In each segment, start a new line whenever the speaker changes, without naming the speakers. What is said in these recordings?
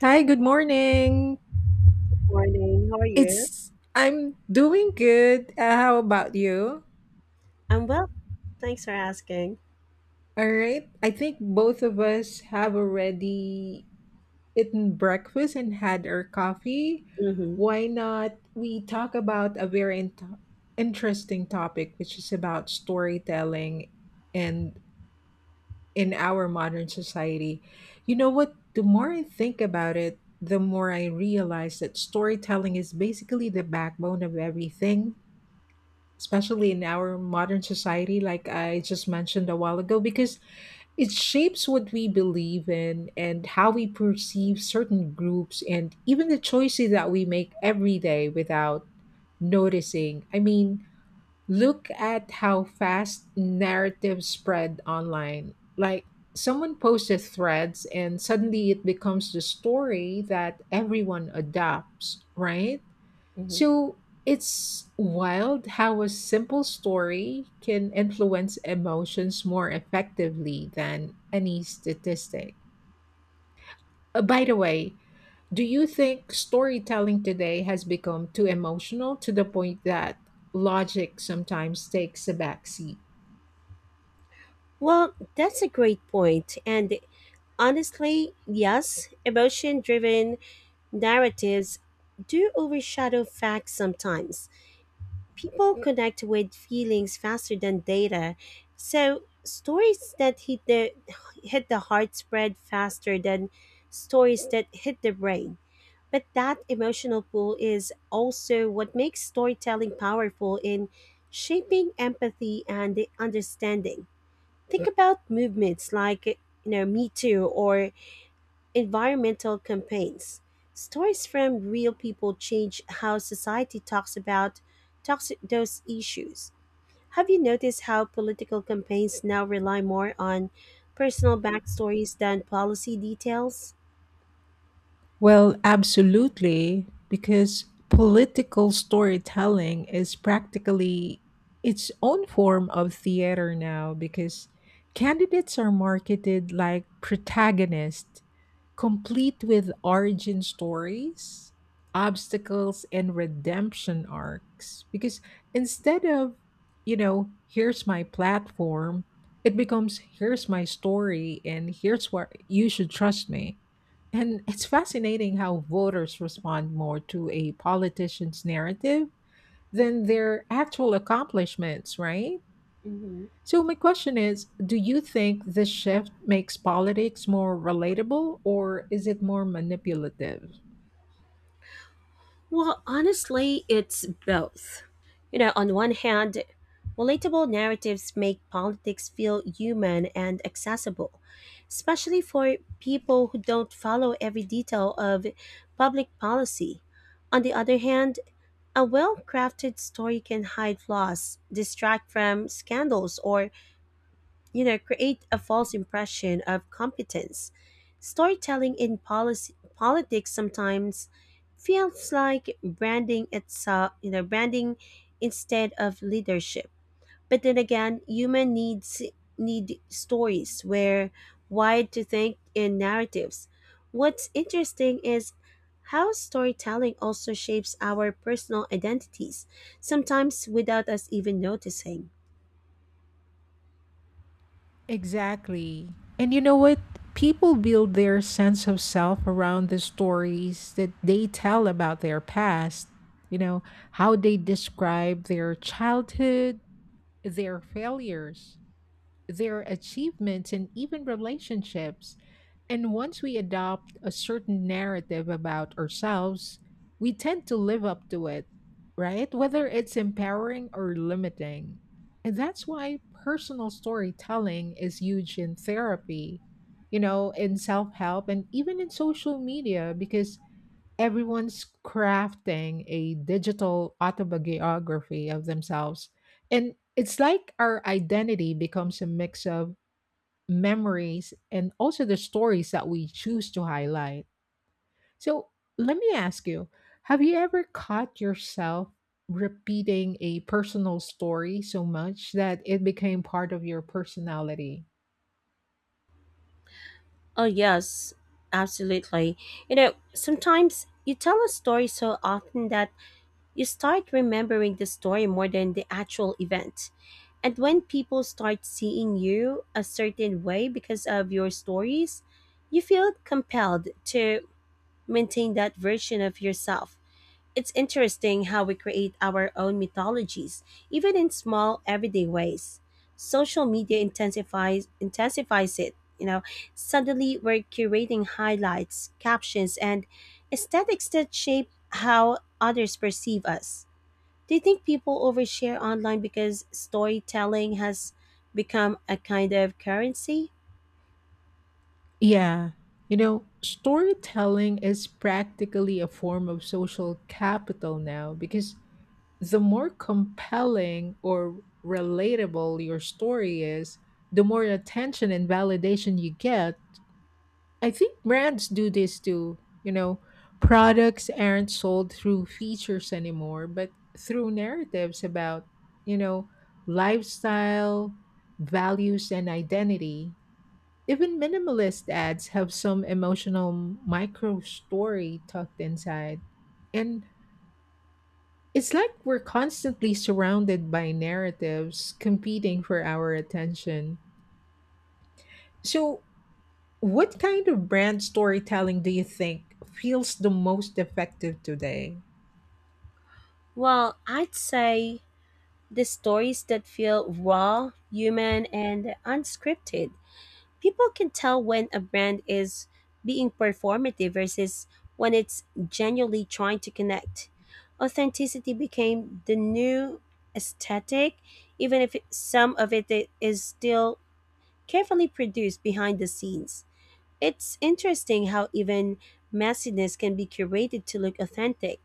Hi, good morning.
Morning. How are you?
It's I'm doing good. How about you?
I'm well. Thanks for asking.
All right. I think both of us have already eaten breakfast and had our coffee.
hmm
Why not we talk about a very interesting topic which is about storytelling and in our modern society. You know what? The more I think about it, the more I realize that storytelling is basically the backbone of everything, especially in our modern society, like I just mentioned a while ago, because it shapes what we believe in and how we perceive certain groups and even the choices that we make every day without noticing. I mean, look at how fast narratives spread online. Like, someone posted threads and suddenly it becomes the story that everyone adopts, right?
hmm
So it's wild how a simple story can influence emotions more effectively than any statistic. By the way, do you think storytelling today has become too emotional to the point that logic sometimes takes a backseat?
Well, that's a great point. And honestly, yes, emotion driven narratives do overshadow facts sometimes. People connect with feelings faster than data. So, stories that hit the heart spread faster than stories that hit the brain. But that emotional pull is also what makes storytelling powerful in shaping empathy and understanding. Think about movements like, you know, Me Too or environmental campaigns. Stories from real people change how society talks about talks those issues. Have you noticed how political campaigns now rely more on personal backstories than policy details?
Well, absolutely, because political storytelling is practically its own form of theater now, because candidates are marketed like protagonists, complete with origin stories, obstacles, and redemption arcs. Because instead of, you know, here's my platform, it becomes here's my story and here's where you should trust me, and it's fascinating how voters respond more to a politician's narrative than their actual accomplishments, right?
hmm
So, my question is, do you think this shift makes politics more relatable or is it more manipulative?
Well, honestly, it's both. You know, on one hand, relatable narratives make politics feel human and accessible, especially for people who don't follow every detail of public policy. On the other hand, a well crafted story can hide flaws, distract from scandals, or you know create a false impression of competence. Storytelling in policy, politics sometimes feels like branding itself, you know, branding instead of leadership. But then again, human needs need stories where wide to think in narratives. What's interesting is how storytelling also shapes our personal identities, sometimes without us even noticing.
Exactly. And you know what? People build their sense of self around the stories that they tell about their past, you know, how they describe their childhood, their failures, their achievements and even relationships. And once we adopt a certain narrative about ourselves, we tend to live up to it, right? Whether it's empowering or limiting. And that's why personal storytelling is huge in therapy, you know, in self help and even in social media, because everyone's crafting a digital autobiography of themselves. And it's like our identity becomes a mix of memories and also the stories that we choose to highlight. So let me ask you, have you ever caught yourself repeating a personal story so much that it became part of your personality?
Oh, yes, absolutely. You know, sometimes you tell a story so often that you start remembering the story more than the actual event. And when people start seeing you a certain way because of your stories, you feel compelled to maintain that version of yourself. It's interesting how we create our own mythologies, even in small, everyday ways. Social media intensifies it. You know, suddenly we're curating highlights, captions, and aesthetics that shape how others perceive us. Do you think people overshare online because storytelling has become a kind of currency?
Yeah. You know, storytelling is practically a form of social capital now, because the more compelling or relatable your story is, the more attention and validation you get. I think brands do this too. You know, products aren't sold through features anymore, but through narratives about, you know, lifestyle, values, and identity. Even minimalist ads have some emotional micro story tucked inside. And it's like we're constantly surrounded by narratives competing for our attention. So, what kind of brand storytelling do you think feels the most effective today?
Well, I'd say the stories that feel raw, human, and unscripted. People can tell when a brand is being performative versus when it's genuinely trying to connect. Authenticity became the new aesthetic, even if some of is still carefully produced behind the scenes. It's interesting how even messiness can be curated to look authentic.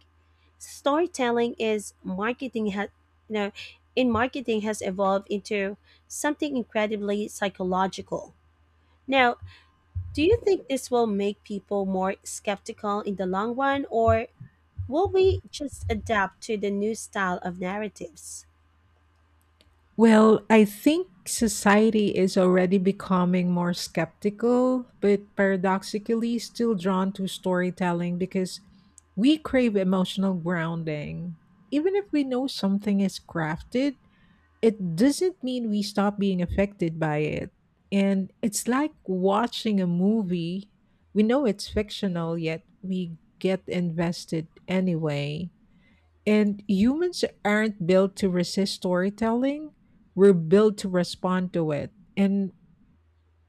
Storytelling is marketing has you know in marketing has evolved into something incredibly psychological. Now, do you think this will make people more skeptical in the long run, or will we just adapt to the new style of narratives?
Well, I think society is already becoming more skeptical, but paradoxically still drawn to storytelling because we crave emotional grounding. Even if we know something is crafted, it doesn't mean we stop being affected by it. And it's like watching a movie. We know it's fictional, yet we get invested anyway. And humans aren't built to resist storytelling, we're built to respond to it. And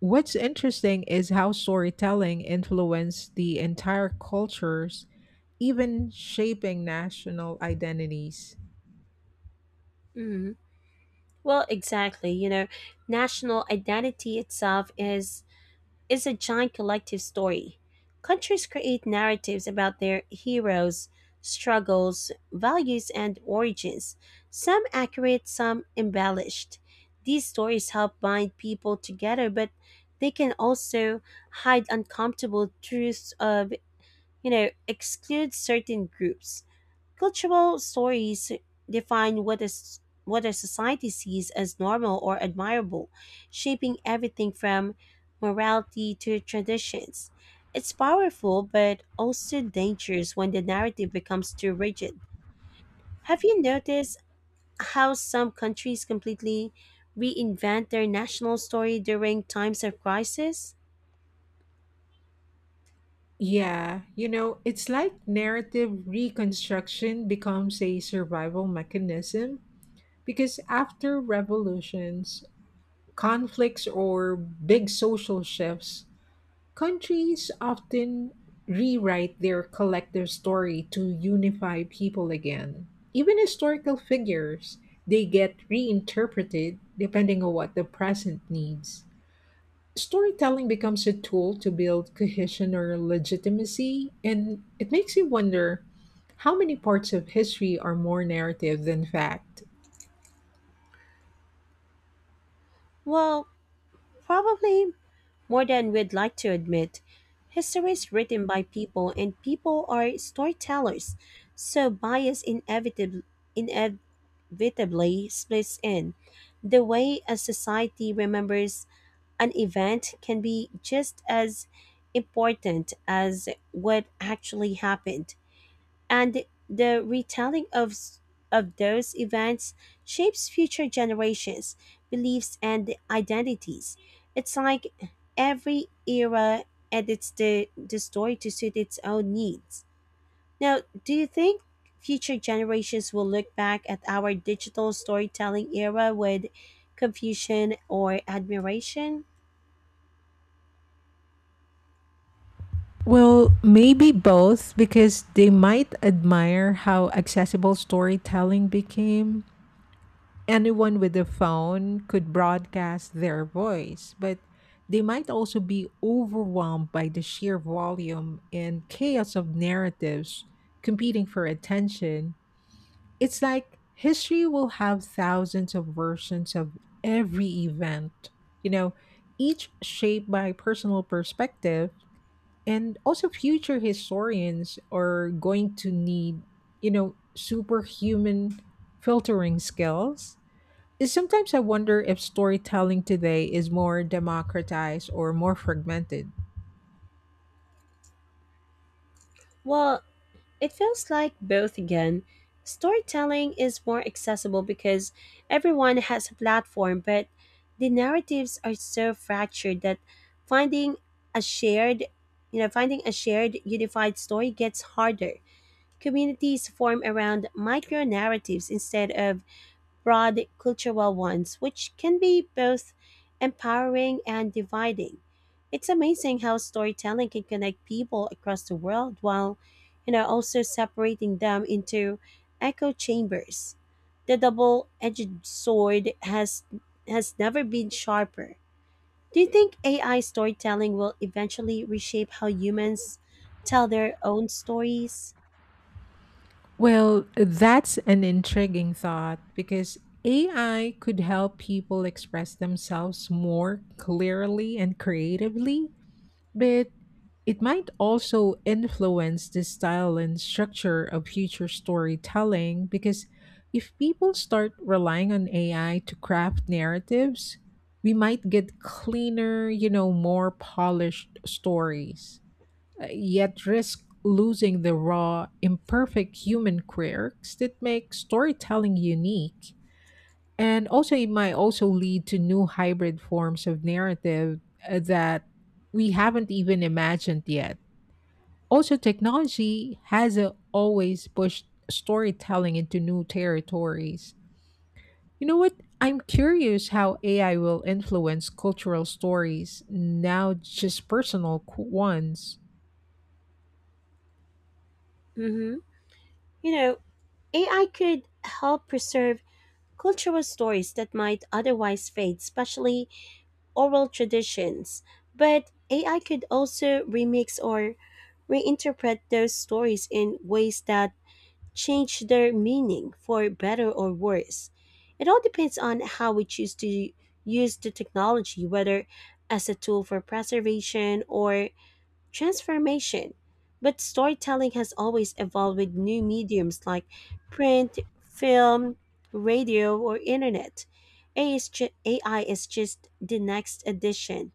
what's interesting is how storytelling influenced the entire cultures, even shaping national identities.
Mhm. Well, exactly. You know, national identity itself is a giant collective story. Countries create narratives about their heroes, struggles, values, and origins, some accurate, some embellished. These stories help bind people together, but they can also hide uncomfortable truths of, you know, exclude certain groups. Cultural stories define what a society sees as normal or admirable, shaping everything from morality to traditions. It's powerful but also dangerous when the narrative becomes too rigid. Have you noticed how some countries completely reinvent their national story during times of crisis?
Yeah, you know, it's like narrative reconstruction becomes a survival mechanism, because after revolutions, conflicts, or big social shifts, countries often rewrite their collective story to unify people again. Even historical figures, they get reinterpreted depending on what the present needs. Storytelling becomes a tool to build cohesion or legitimacy, and it makes you wonder how many parts of history are more narrative than fact?
Well, probably more than we'd like to admit. History is written by people and people are storytellers, so bias inevitably splits in. The way a society remembers an event can be just as important as what actually happened, and the retelling of those events shapes future generations' beliefs and identities. It's like every era edits the story to suit its own needs. Now, do you think future generations will look back at our digital storytelling era with confusion or admiration?
Well, maybe both, because they might admire how accessible storytelling became, anyone with a phone could broadcast their voice, but they might also be overwhelmed by the sheer volume and chaos of narratives competing for attention. It's like history will have thousands of versions of every event, you know, each shaped by personal perspective. And also, future historians are going to need, you know, superhuman filtering skills is sometimes I wonder if storytelling today is more democratized or more fragmented.
Well, it feels like both again. Storytelling is more accessible because everyone has a platform, but the narratives are so fractured that finding a shared, finding a shared unified story gets harder. Communities form around micro narratives instead of broad cultural ones, which can be both empowering and dividing. It's amazing how storytelling can connect people across the world while, you know, also separating them into echo chambers. The double-edged sword has never been sharper. Do you think AI storytelling will eventually reshape how humans tell their own stories?
Well, that's an intriguing thought because AI could help people express themselves more clearly and creatively, but it might also influence the style and structure of future storytelling, because if people start relying on AI to craft narratives, we might get cleaner, you know, more polished stories, yet risk losing the raw, imperfect human quirks that make storytelling unique. And also, it might also lead to new hybrid forms of narrative that we haven't even imagined yet. Also, technology has always pushed storytelling into new territories. You know what? I'm curious how AI will influence cultural stories, now just personal ones.
hmm You know, AI could help preserve cultural stories that might otherwise fade, especially oral traditions. But AI could also remix or reinterpret those stories in ways that change their meaning for better or worse. It all depends on how we choose to use the technology, whether as a tool for preservation or transformation. But storytelling has always evolved with new mediums like print, film, radio, or internet. AI is just the next addition.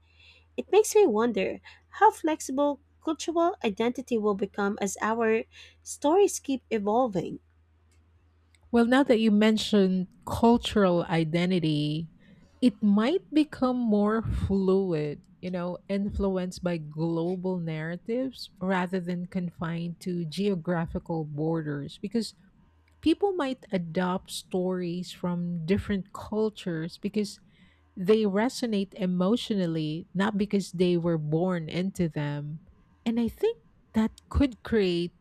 It makes me wonder how flexible cultural identity will become as our stories keep evolving.
Well, now that you mentioned cultural identity, it might become more fluid, you know, influenced by global narratives rather than confined to geographical borders, because people might adopt stories from different cultures because they resonate emotionally, not because they were born into them. And I think that could create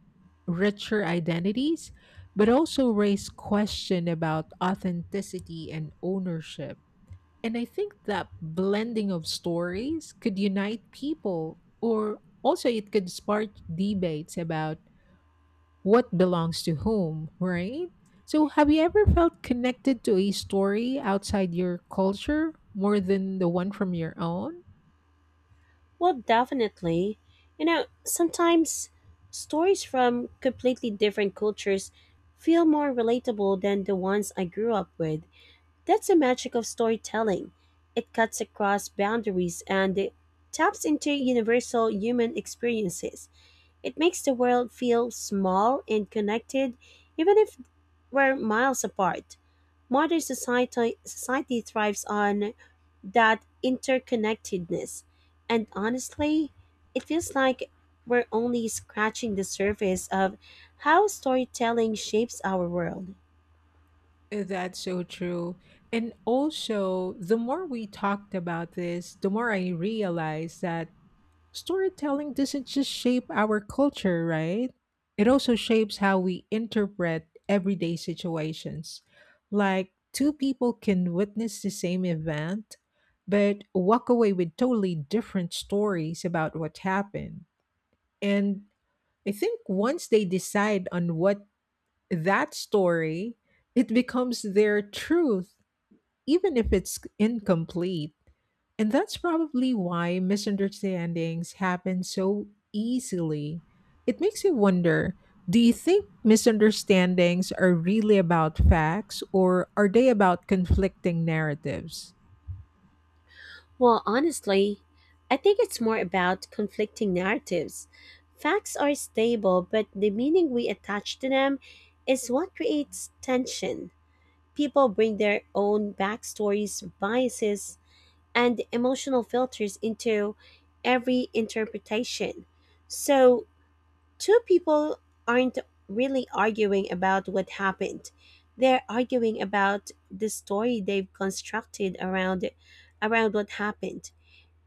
richer identities, but also raise question about authenticity and ownership. And I think that blending of stories could unite people or also it could spark debates about what belongs to whom, right? So, have you ever felt connected to a story outside your culture more than the one from your own?
Well, definitely. You know, sometimes stories from completely different cultures feel more relatable than the ones I grew up with. That's the magic of storytelling. It cuts across boundaries and it taps into universal human experiences. It makes the world feel small and connected, even if we're miles apart. Society thrives on that interconnectedness. And honestly, it feels like we're only scratching the surface of how storytelling shapes our world.
That's so true. And also, the more we talked about this, the more I realized that storytelling doesn't just shape our culture, right? It also shapes how we interpret everyday situations. Like, two people can witness the same event, but walk away with totally different stories about what happened. And I think once they decide on what that story, it becomes their truth even if it's incomplete. And that's probably why misunderstandings happen so easily. It makes you wonder, do you think misunderstandings are really about facts or are they about conflicting narratives?
Well, honestly, I think it's more about conflicting narratives. Facts are stable, but the meaning we attach to them is what creates tension. People bring their own backstories, biases, and emotional filters into every interpretation. So, two people aren't really arguing about what happened. They're arguing about the story they've constructed around what happened.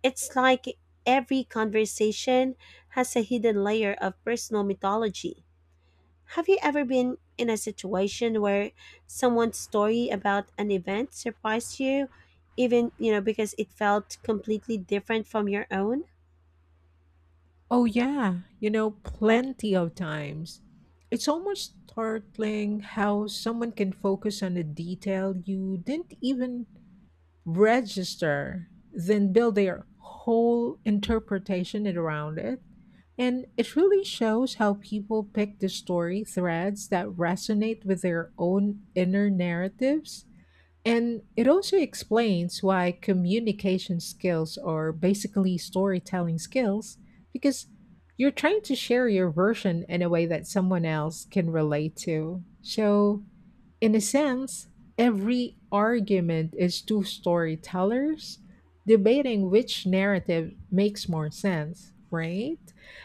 It's like every conversation has a hidden layer of personal mythology. Have you ever been in a situation where someone's story about an event surprised you, even, you know, because it felt completely different from your own?
Oh, yeah, you know, plenty of times. It's almost startling how someone can focus on a detail you didn't even register, then build their whole interpretation around it. And it really shows how people pick the story threads that resonate with their own inner narratives. And it also explains why communication skills are basically storytelling skills, because you're trying to share your version in a way that someone else can relate to. So, in a sense, every argument is two storytellers debating which narrative makes more sense, right?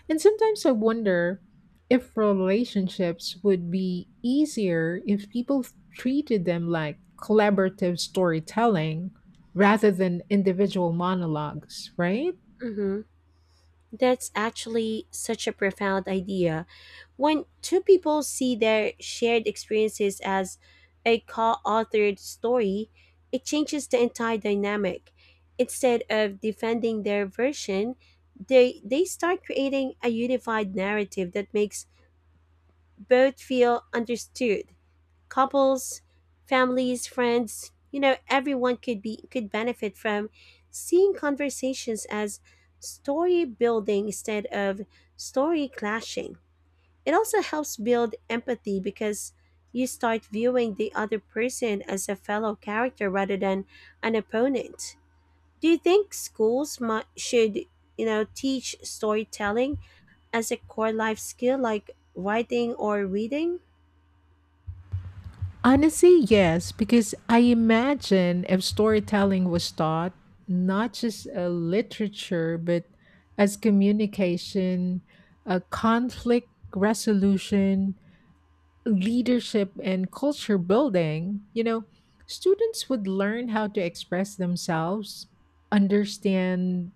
And sometimes I wonder if relationships would be easier if people treated them like collaborative storytelling rather than individual monologues, right?
Mm hmm. That's actually such a profound idea. When two people see their shared experiences as a co authored story, it changes the entire dynamic. Instead of defending their version, they start creating a unified narrative that makes both feel understood. Couples, families, friends, you know, everyone could be could benefit from seeing conversations as story building instead of story clashing. It also helps build empathy because you start viewing the other person as a fellow character rather than an opponent. Do you think should, you know, teach storytelling as a core life skill like writing or reading?
Honestly, yes, because I imagine if storytelling was taught not just a literature, but as communication, a conflict resolution, leadership and culture building, you know, students would learn how to express themselves, understand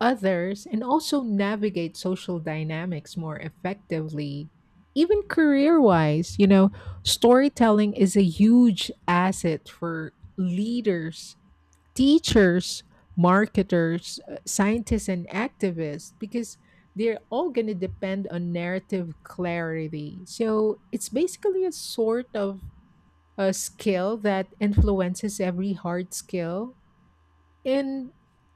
others, and also navigate social dynamics more effectively. Even career wise, you know, storytelling is a huge asset for leaders, teachers, marketers, scientists, and activists, because they're all going to depend on narrative clarity. So it's basically a sort of a skill that influences every hard skill. And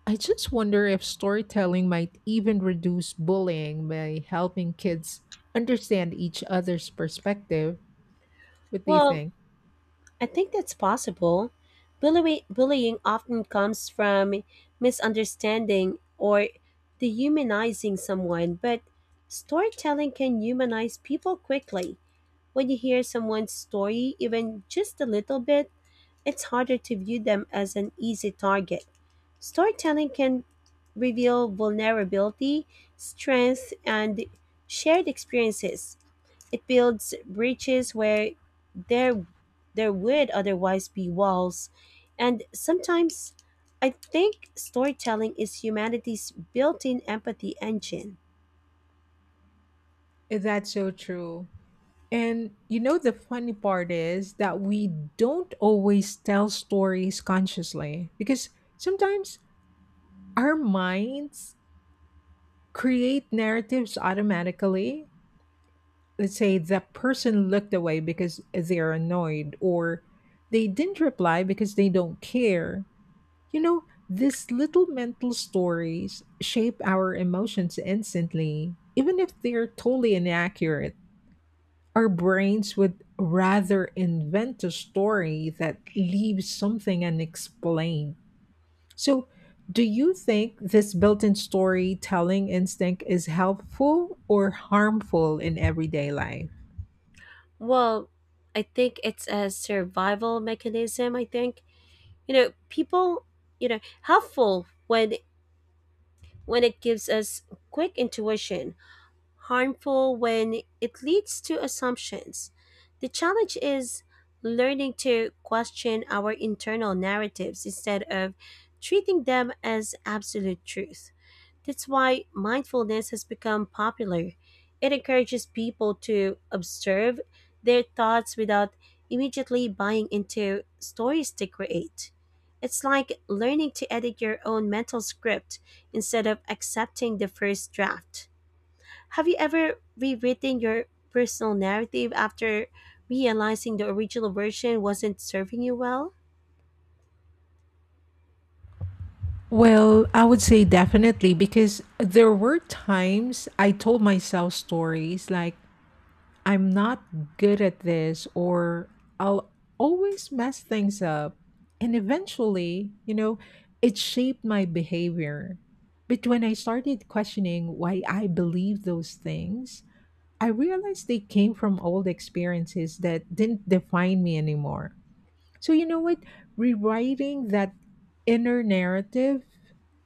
I just wonder if storytelling might even reduce bullying by helping kids understand each other's perspective. What do you
Well,
think?
I think that's possible. Bullying often comes from misunderstanding or dehumanizing someone, but storytelling can humanize people quickly. When you hear someone's story, even just a little bit, it's harder to view them as an easy target. Storytelling can reveal vulnerability, strength, and shared experiences. It builds breaches where there there would otherwise be walls. And sometimes I think storytelling is humanity's built-in empathy engine.
That's so true. And you know, the funny part is that we don't always tell stories consciously, because sometimes our minds create narratives automatically. Let's say that person looked away because they're annoyed, or they didn't reply because they don't care. You know, these little mental stories shape our emotions instantly, even if they're totally inaccurate. Our brains would rather invent a story that leaves something unexplained. So, do you think this built in storytelling instinct is helpful or harmful in everyday life?
Well, I think it's a survival mechanism, I think. You know, people, you know, helpful when it gives us quick intuition, harmful when it leads to assumptions. The challenge is learning to question our internal narratives instead of treating them as absolute truth. That's why mindfulness has become popular. It encourages people to observe their thoughts without immediately buying into stories they create. It's like learning to edit your own mental script instead of accepting the first draft. Have you ever rewritten your personal narrative after realizing the original version wasn't serving you well?
Well, I would say definitely, because there were times I told myself stories like I'm not good at this, or I'll always mess things up. And eventually, you know, it shaped my behavior. But when I started questioning why I believed those things, I realized they came from old experiences that didn't define me anymore. So, you know what? Rewriting that inner narrative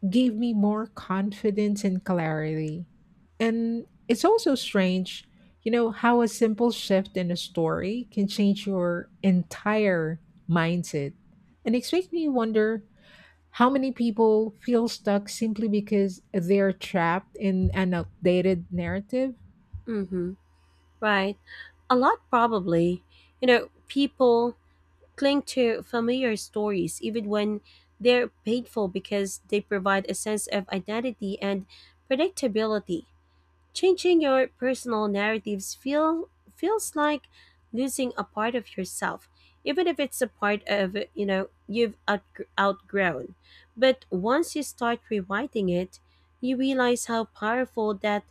gave me more confidence and clarity. And it's also strange, you know, how a simple shift in a story can change your entire mindset. And it makes me wonder how many people feel stuck simply because they're trapped in an outdated narrative.
Mm-hmm. Right. A lot, probably. You know, people cling to familiar stories even when they're painful because they provide a sense of identity and predictability. Changing your personal narratives feel feels like losing a part of yourself, even if it's a part of you know outgrown. But once you start rewriting it, you realize how powerful that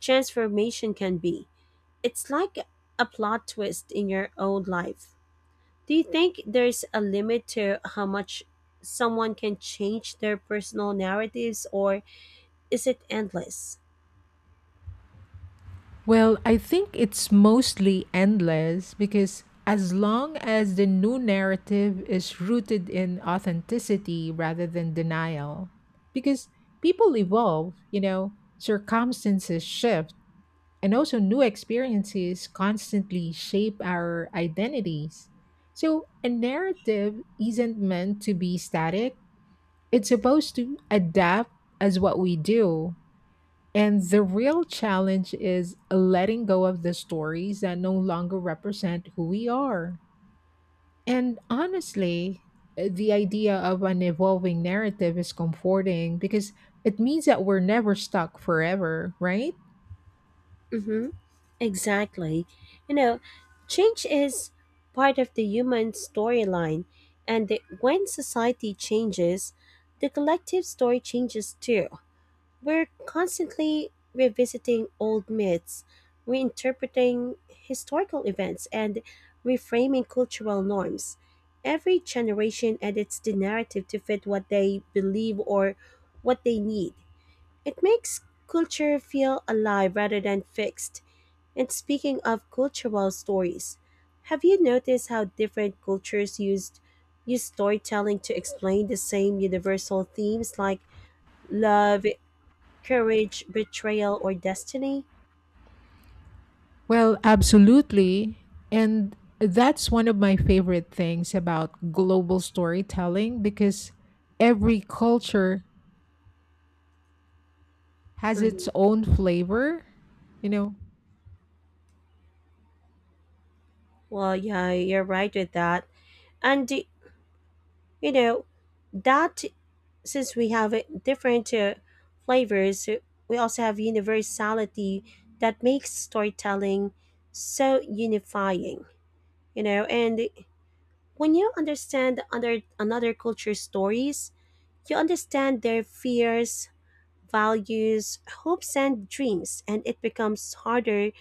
transformation can be. It's like a plot twist in your own life. Do you think there's a limit to how much someone can change their personal narratives, or is it endless?
Well, I think it's mostly endless because as long as the new narrative is rooted in authenticity rather than denial, because people evolve, you know, circumstances shift, and also new experiences constantly shape our identities. So a narrative isn't meant to be static, it's supposed to adapt as what we do. And the real challenge is letting go of the stories that no longer represent who we are. And honestly, the idea of an evolving narrative is comforting because it means that we're never stuck forever, right?
Mm-hmm. Exactly. You know, change is part of the human storyline, and when society changes, the collective story changes too. We're constantly revisiting old myths, reinterpreting historical events, and reframing cultural norms. Every generation edits the narrative to fit what they believe or what they need. It makes culture feel alive rather than fixed. And speaking of cultural stories, have you noticed how different cultures used use storytelling to explain the same universal themes like love, courage, betrayal, or destiny?
Well, absolutely. And that's one of my favorite things about global storytelling, because every culture has
Mhm.
its own flavor, you know.
Well, yeah, you're right with that. And you know, that since we have different flavors, we also have universality that makes storytelling so unifying. You know, and when you understand another culture's stories, you understand their fears, values, hopes, and dreams, and it becomes harder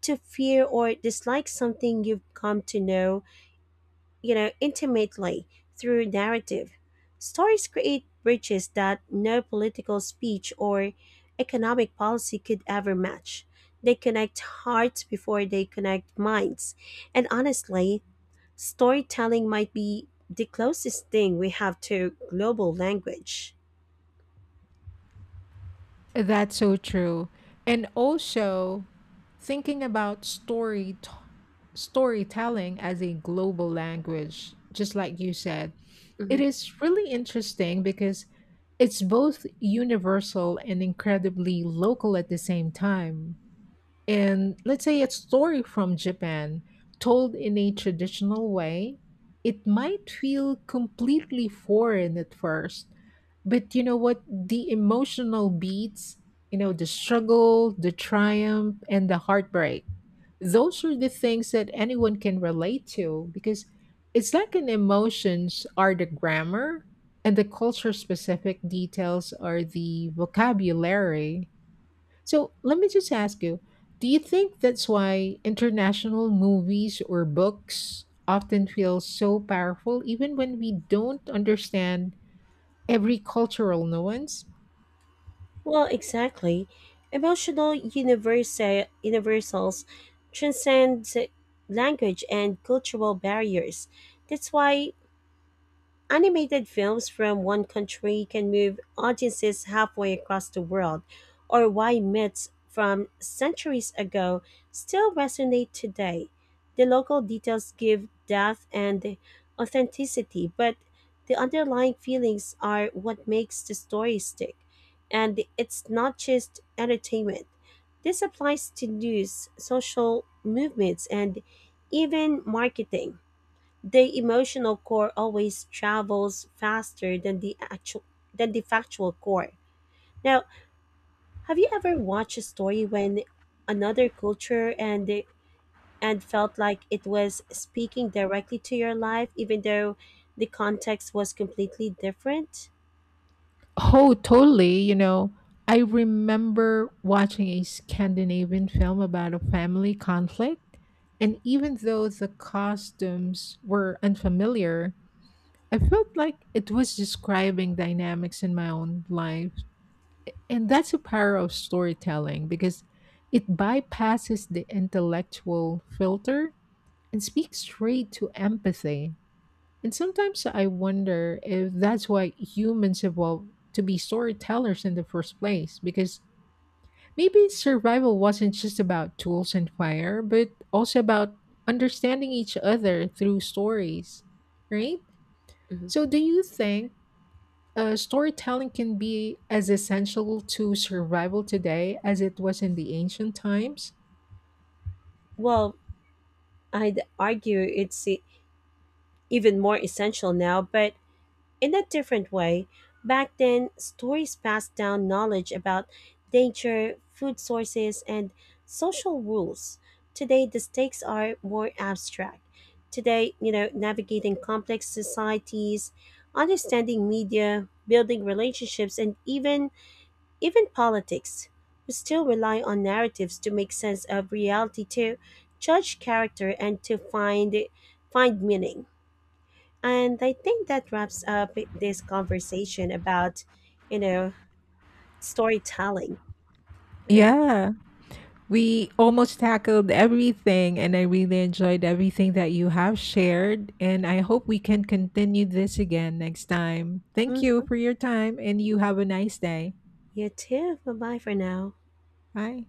to fear or dislike something you've come to know, you know, intimately through narrative. Stories create bridges that no political speech or economic policy could ever match. They connect hearts before they connect minds. And honestly, storytelling might be the closest thing we have to global language.
That's so true. And also thinking about storytelling as a global language, just like you said,
Mhm.
it is really interesting because it's both universal and incredibly local at the same time. And let's say a story from Japan told in a traditional way, it might feel completely foreign at first. But you know what? The emotional beats, you know, the struggle, the triumph, and the heartbreak, those are the things that anyone can relate to, because it's like an emotions are the grammar and the culture specific details are the vocabulary. So let me just ask you, do you think that's why international movies or books often feel so powerful even when we don't understand every cultural nuance?
Well, exactly. Emotional universals transcend language and cultural barriers. That's why animated films from one country can move audiences halfway across the world, or why myths from centuries ago still resonate today. The local details give depth and authenticity, but the underlying feelings are what makes the story stick. And it's not just entertainment. This applies to news, social movements, and even marketing. The emotional core always travels faster than the actual than the factual core. Now, have you ever watched a story when another culture and felt like it was speaking directly to your life even though the context was completely different?
Oh, totally. You know, I remember watching a Scandinavian film about a family conflict, and even though the costumes were unfamiliar, I felt like it was describing dynamics in my own life. And that's the power of storytelling, because it bypasses the intellectual filter and speaks straight to empathy. And sometimes I wonder if that's why humans evolved to be storytellers in the first place, because maybe survival wasn't just about tools and fire, but also about understanding each other through stories, right?
Mhm.
So, do you think storytelling can be as essential to survival today as it was in the ancient times?
Well, I'd argue it's even more essential now, but in a different way. Back then, stories passed down knowledge about nature, food sources, and social rules. Today, the stakes are more abstract. Today, you know, navigating complex societies, understanding media, building relationships, and even politics. We still rely on narratives to make sense of reality, to judge character, and to find meaning. And I think that wraps up this conversation about, you know, storytelling, right?
Yeah, we almost tackled everything, and I really enjoyed everything that you have shared. And I hope we can continue this again next time. Thank you
Mm,
for your time, and you have a nice day.
you too. Bye bye for now.
Bye.